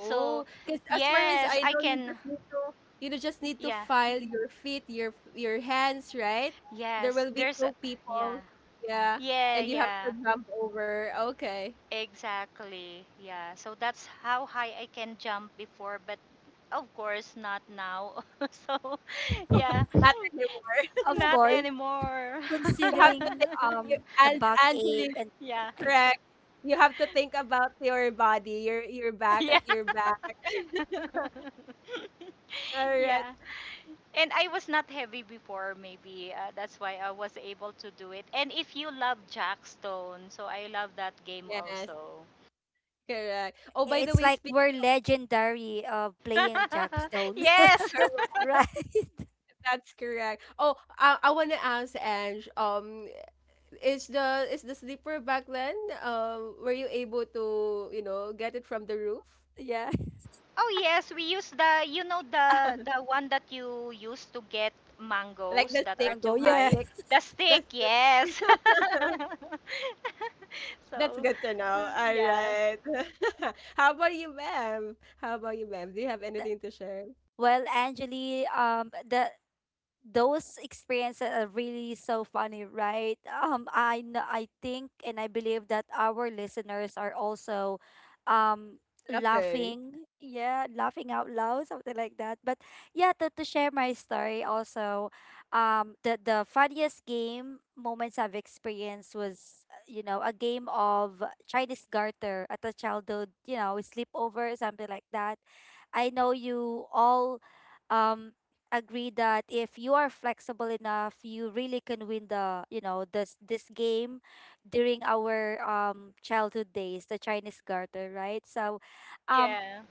So because as far as yes, I I know, you can, just need to, you know, just need to yeah, file your feet, your your hands, right? There yes, will be there's, a- two yeah, people, yeah, yeah, and you have to yeah, jump over. Okay, exactly, yeah. So that's how high I can jump before, but of course not now. *laughs* so yeah. not Of anymore. Not *laughs* course, anymore. You have to considering think, you, um *laughs* the and backache. Angeli, And yeah. correct. You have to think about your body, your your back, Yeah. your back. *laughs* *laughs* Correct. yeah. And I was not heavy before, maybe. Uh, that's why I was able to do it. And if you love Jackstone, so I love that game Yes, also. correct. Oh, by the it's way, like speaking we're legendary of playing *laughs* jackstone. of yes. *laughs* correct, Right. that's correct. Oh, I, I want to ask Ange, um, is the is the sleeper back then? Um, were you able to you know get it from the roof? *laughs* Yeah. Oh yes, we use the you know the *laughs* the one that you use to get Like mangoes the that stick, are Mango. too the Yeah. high. stick, The stick, that's yes. *laughs* that's so good to know. s- All yeah. right. *laughs* How about you, ma'am? How about you, ma'am? Do you have anything to share? Well, Angeli, um the those experiences are really so funny, right? Um, I know, I think and I believe that our listeners are also, um, Nothing. laughing. Yeah, laughing out loud, something like that. But yeah, to, to share my story also, um, the the funniest game moments I've experienced was, uh, you know, a game of Chinese garter at a childhood, you know, sleepover, something like that. I know you all. Um, Agree that if you are flexible enough, you really can win the, you know, this this game during our um childhood days, the Chinese garter, right? So um Yeah.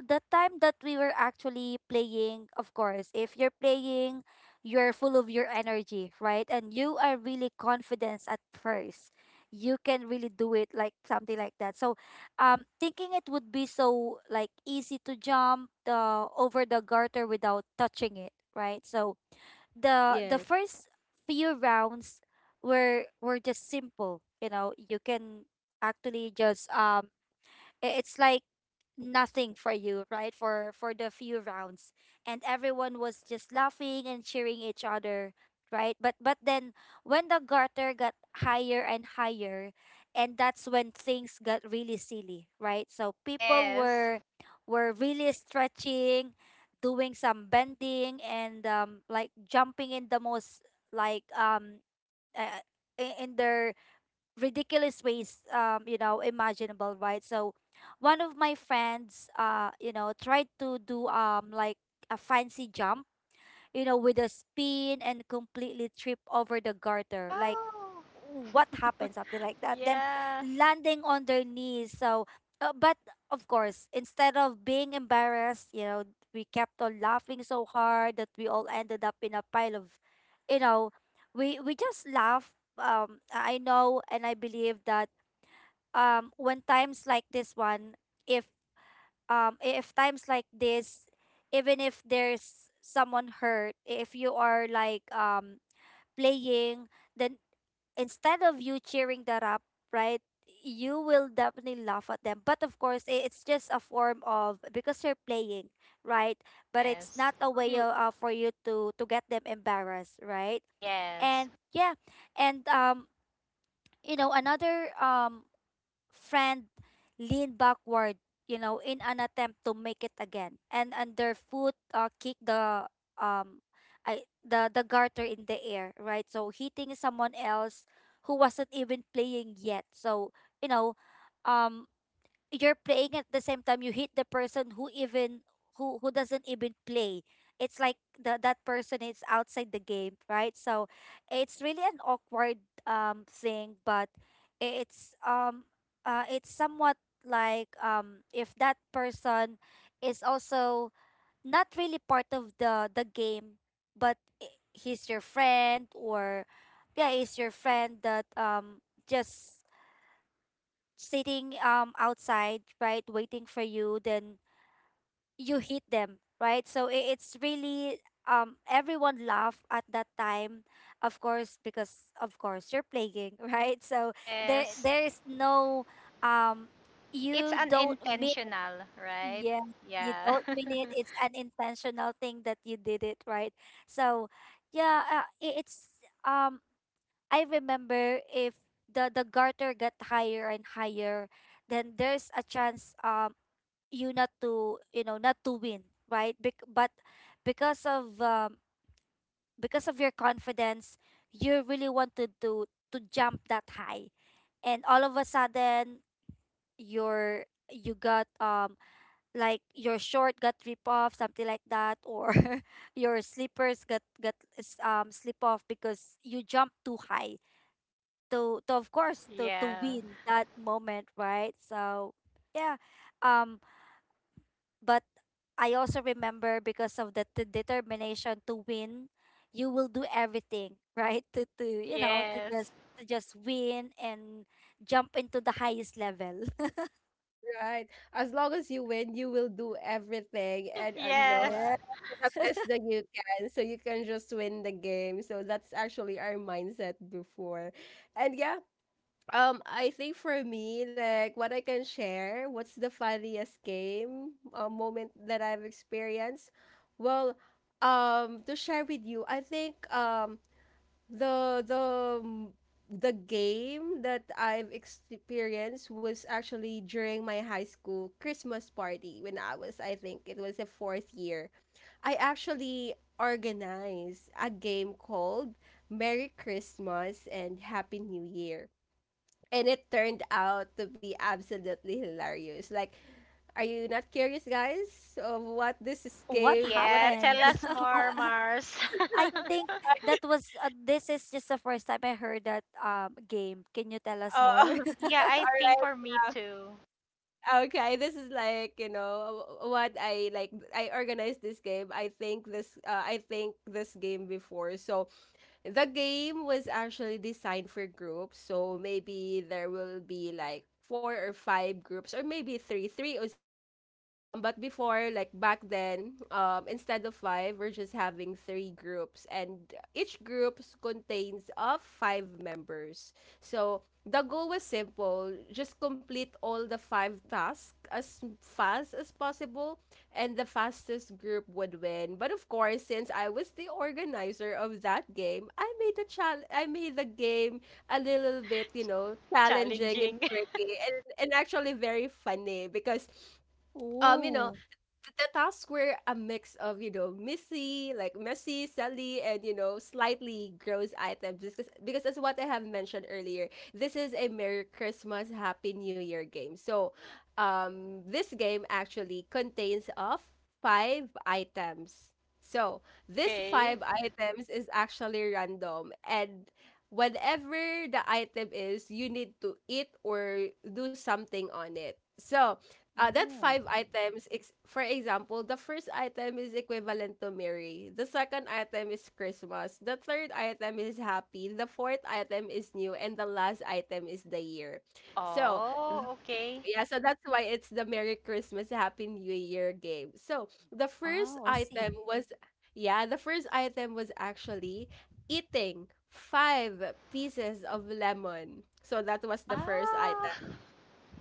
the time that we were actually playing, of course, if you're playing, you're full of your energy, right? And you are really confident at first. You can really do it, like something like that. So, um, thinking it would be so like easy to jump the over the garter without touching it, right? So the the Yes. first few rounds were were just simple. You know, you can actually just, um, i- it's like nothing for you, right? For for the few rounds. And everyone was just laughing and cheering each other, right? But but then when the garter got higher and higher, and that's when things got really silly, right? So people Yes. were were really stretching, doing some bending and um like jumping in the most like um uh, i- in their ridiculous ways, um you know, imaginable, right? So one of my friends, uh you know, tried to do um like a fancy jump, you know, with a spin and completely trip over the garter, like Oh, what happened, something like that, then yeah. landing on their knees. So, uh, but of course, instead of being embarrassed, you know, we kept on laughing so hard that we all ended up in a pile of, you know, we we just laugh. um I know and I believe that um when times like this one, if um if times like this, even if there's someone hurt, if you are like, um playing, then instead of you cheering that up, right, you will definitely laugh at them. But of course, i- it's just a form of, because you're playing, right? But it's Yes. not a way Mm. of, uh, for you to to get them embarrassed, right? Yes. And yeah, and um, you know, another um friend leaned backward, you know, in an attempt to make it again, and underfoot, uh, kicked the, um, I the the garter in the air, right? So hitting someone else who wasn't even playing yet. So, you know, um, you're playing at the same time you hit the person who even, who who doesn't even play. It's like, the, that person is outside the game, right? So it's really an awkward um thing. But it's um uh it's somewhat like, um if that person is also not really part of the the game, but i- he's your friend, or yeah, he's your friend that, um just sitting, um outside, right, waiting for you, then you hit them, right? So I- it's really um everyone laugh at that time, of course, because of course you're playing, *laughs* right? So there Yes. there is no, um It's you don't mean, unintentional, right? yeah, you Yeah. don't mean it, it's an intentional thing that you did it, right? So yeah, uh, I- it's um I remember, if the the garter got higher and higher, then there's a chance, um you not to, you know, not to win, right? Bec- but because of um because of your confidence, you really wanted to to jump that high, and all of a sudden, your you got, um like your short got rip off, something like that, or *laughs* your slippers got got s- um slip off because you jumped too high, to to of course *laughs* to to yeah. win that moment, right? So yeah. um but I also remember, because of the, the determination to win, you will do everything, right? *laughs* to to you know to Yes. just to just win and jump into the highest level. *laughs* Right. As long as you win, you will do everything and *laughs* uh, you know Yes. Yeah, uh, to the best that you can, so you can just win the game. So that's actually our mindset before, and yeah. Um, I think for me, like what I can share, what's the funniest game uh, moment that I've experienced? Well, um, to share with you, I think um the the m- the game that I've experienced was actually during my high school Christmas party when I was, I think it was the fourth year. I actually organized a game called Merry Christmas and Happy New Year, and it turned out to be absolutely hilarious. Like, are you not curious, guys, of what this is what game? What Yeah, this happened? tell game? us more, *laughs* Mars. I *laughs* think that *laughs* was, uh, this is just the first time I heard that, um game. Can you tell us Oh, more? *laughs* all *laughs* yeah, I think right, for me too. yeah. Okay, this is like you know what I like. I organized this game. I think this. Uh, I think this game before. So the game was actually designed for groups, so maybe there will be like four or five groups or maybe three. Three is okay. Um, but before, like back then, um, instead of five, we're just having three groups, and each group contains of five members. So the goal was simple: just complete all the five tasks as fast as possible, and the fastest group would win. But of course, since I was the organizer of that game, I made the chal- I made the game a little bit, you know, challenging and Challenging. tricky, and, and actually very funny because um, you know, Oh. th- the tasks were a mix of you know messy, like messy, silly, and you know slightly gross items. Because because that's what I have mentioned earlier. This is a Merry Christmas, Happy New Year game. So, um, this game actually contains of five items. So *laughs* this okay. five items is actually random, and whatever the item is, you need to eat or do something on it. So uh, that Oh, five items, ex- for example, the first item is equivalent to Mary. The second item is Christmas. The third item is happy. The fourth item is new. And the last item is the year. So, Oh, okay. yeah, so that's why it's the Merry Christmas, Happy New Year game. So, the first wow, I see. item was, yeah, the first item was actually eating five pieces of lemon. So, that was the first Ah, item.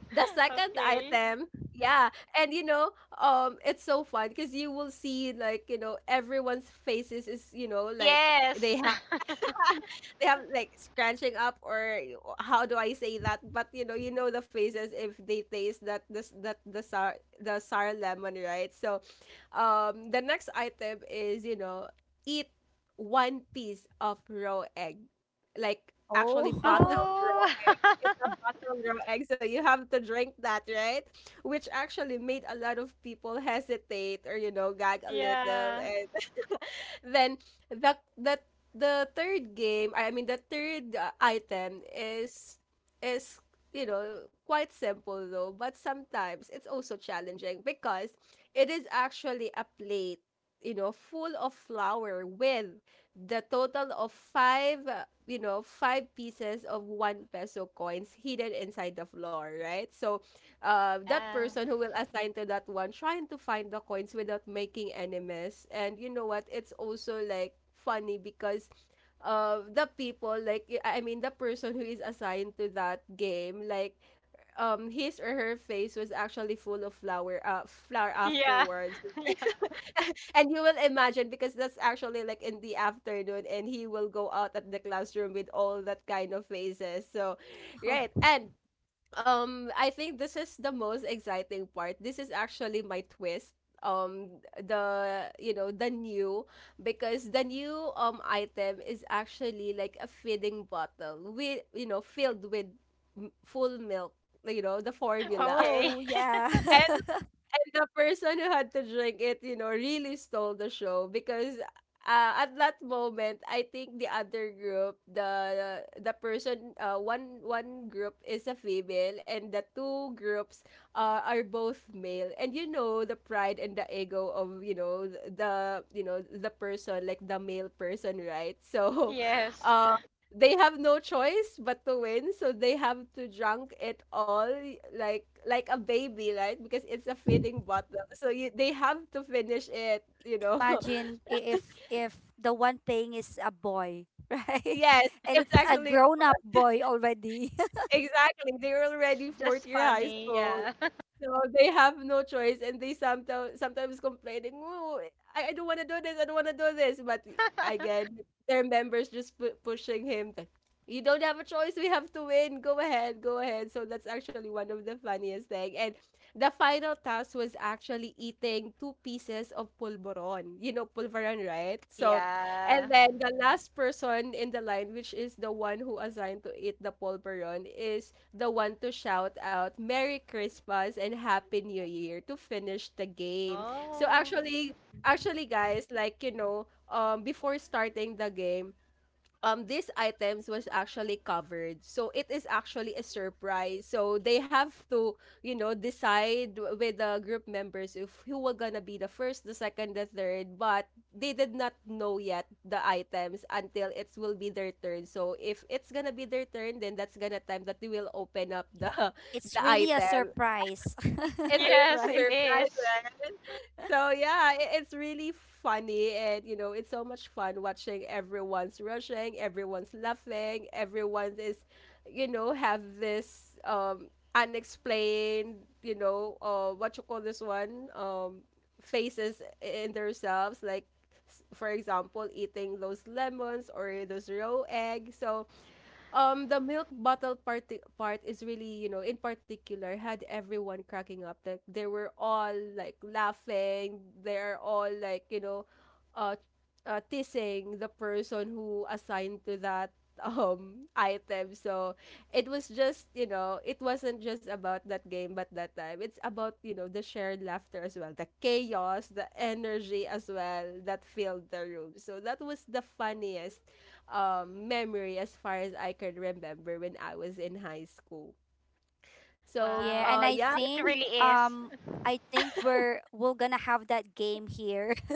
The *laughs* second okay. item, yeah, and you know um it's so fun because you will see, like, you know everyone's faces is, you know like they Yes. have *laughs* *laughs* they have, like, scratching up or y- o- how do I say that, but you know you know the faces if they taste that, this, that, the sour the sour lemon, right? So um the next item is, you know eat one piece of raw egg, like actually Oh. bottled *laughs* raw. oh. It's a bottle raw egg, so you have to drink that, right? Which actually made a lot of people hesitate or you know gag *laughs* a little, yeah. and *laughs* then the the the third game, I mean the third uh, item is is, you know quite simple though, but sometimes it's also challenging because it is actually a plate, you know, full of flour with the total of five, uh, you know, five pieces of one peso coins hidden inside the floor, right? So, uh, that Yeah. person who will assign to that one, trying to find the coins without making any mess. And you know what? It's also like funny because uh, the people like I I mean the person who is assigned to that game, like, um his or her face was actually full of flower uh flour *laughs* Yeah. afterwards. *laughs* Yeah. *laughs* And you will imagine, because that's actually like in the afternoon, and he will go out at the classroom with all that kind of faces, so Oh. right. And um I think this is the most exciting part. This is actually my twist. um the you know the new, because the new um item is actually like a feeding bottle with, you know filled with m- full milk, you know, the formula. Okay. Oh, yeah. *laughs* And the person who had to drink it, you know, really stole the show, because uh, at that moment, I think the other group, the the person, uh, one one group is a female, and the two groups, uh, are both male. And, you know the pride and the ego of you know the you know the person, like the male person, right? So, *laughs* yes. *laughs* they have no choice but to win, so they have to drunk it all like like a baby, right, because it's a feeding *laughs* bottle, so you, they have to finish it you know Imagine, *laughs* i- if if the one playing is a boy, *laughs* right? Yes, And it's it's a *laughs* actually grown-up boy already. *laughs* exactly, they're it's already fourth just year high funny. school. Yeah. So they have no choice, and they sometimes sometimes complaining, "Oh, I, I don't want to do this. I don't want to do this." But again, *laughs* their members just pu- pushing him. Like, you don't have a choice. We have to win. Go ahead, go ahead. So that's actually one of the funniest thing. And the final task was actually eating two pieces of pulveron. You know pulveron, right? oh, So, and yeah. then the last person in the line, which is the one who assigned to eat the pulveron, is the one to shout out Merry Christmas and Happy New Year to finish the game. So Oh. actually, Mhm. actually guys, like, you know, um before starting the game, um these items was actually covered, so it is actually a surprise, so they have to, you know decide w- with the group members if who were gonna be the first, the second, the third, but they did not know yet the items until it will be their turn. So if it's gonna be their turn, then that's gonna time that they will open up the *laughs* the It's really a item. surprise. It's *laughs* really a Yes, Right? it surprise, is. right? So yeah, i- it's really funny, and, you know, it's so much fun watching everyone's rushing, everyone's laughing, everyone is, you know, have this um unexplained, you know, uh, what you call this one, um, faces in themselves, like s- for example, eating those lemons or those raw eggs. So um the milk bottle part part is really, you know in particular, had everyone cracking up. Like, they were all like laughing, they're all like, you know uh, uh teasing the person who assigned to that um item. So it was just, you know it wasn't just about that game, but that time it's about, you know the shared laughter as well, the chaos, the energy as well that filled the room. So that was the funniest um, memory as far as I can remember when I was in high school. So, Yeah, uh, and Wow. I yeah. It think, really is. um I think we're we're gonna have that game here. *laughs*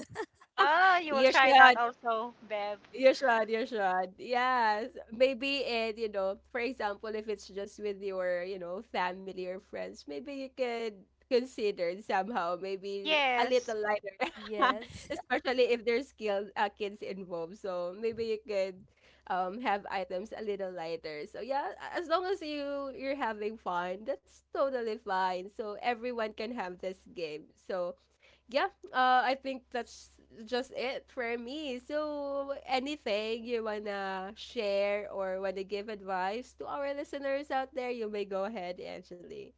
Oh, *laughs* you will You try that should. also, Bev. You should, you should. Yes. Maybe, it, you know, for example, if it's just with your, you know, family or friends, maybe you could consider it somehow, maybe a little Yes. lighter. *laughs* Yes. Especially if there's skilled uh, kids involved. So maybe you could um have items a little lighter. So yeah, a- as long as you you're having fun, that's totally fine. So everyone can have this game. So yeah, uh, I think that's just it for me. So, anything you wanna share or wanna give advice to our listeners out there, you may go ahead, Angeli.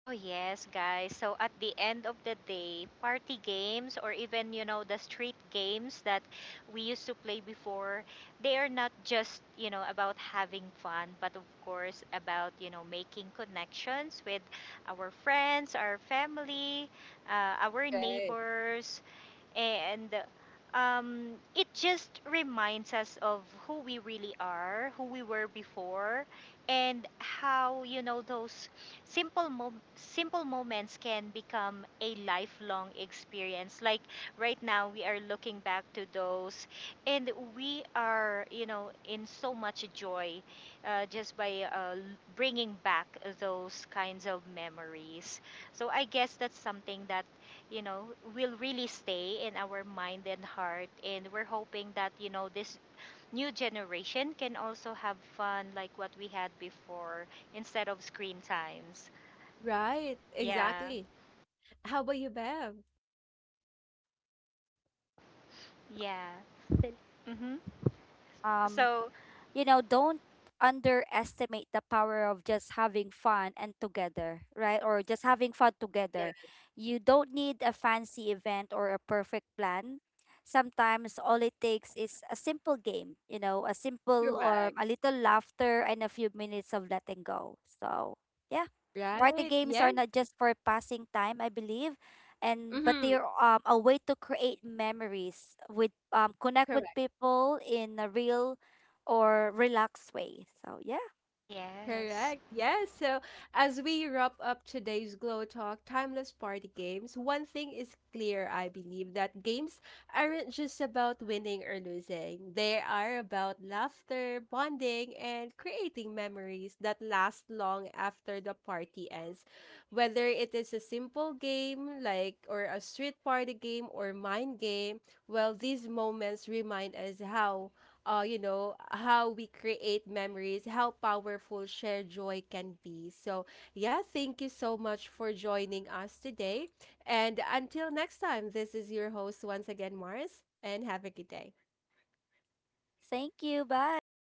Oh, yes, guys. So at the end of the day, party games or even, you know, the street games that we used to play before, they are not just, you know, about having fun, but of course about, you know, making connections with our friends, our family, uh, our Right. neighbors, and um, it just reminds us of who we really are, who we were before, and how you know those simple mo- simple moments can become a lifelong experience. Like right now, we are looking back to those, and we are you know in so much joy uh, just by uh, l- bringing back those kinds of memories. So I guess that's something that you know, will really stay in our mind and heart. And we're hoping that, you know, this new generation can also have fun like what we had before instead of screen times. Right. Yeah. Exactly. How about you, Bev? Yeah. *laughs* Mm-hmm. Um So, you know, don't underestimate the power of just having fun and together, right? Or just having fun Yeah. together. You don't need a fancy event or a perfect plan. Sometimes all it takes is a simple game, you know, a simple or Correct. a little laughter, and a few minutes of letting go. So, yeah. Party Right. games are Yeah. not just for passing time, I believe, and but Mm-hmm. they're, um, a way to create memories with, um, connect with Correct. people in a real or relaxed way. So, yeah, yes. Correct. Yes. So, as we wrap up today's Glow Talk Timeless Party Games, one thing is clear, I believe, that games aren't just about winning or losing. They are about laughter, bonding, and creating memories that last long after the party ends. Whether it is a simple game, like, or a street party game, or mind game, well, these moments remind us how uh, you know, how we create memories, how powerful shared joy can be. So, yeah, thank you so much for joining us today. And until next time, this is your host once again, Mars, and have a good day. thank you. Bye.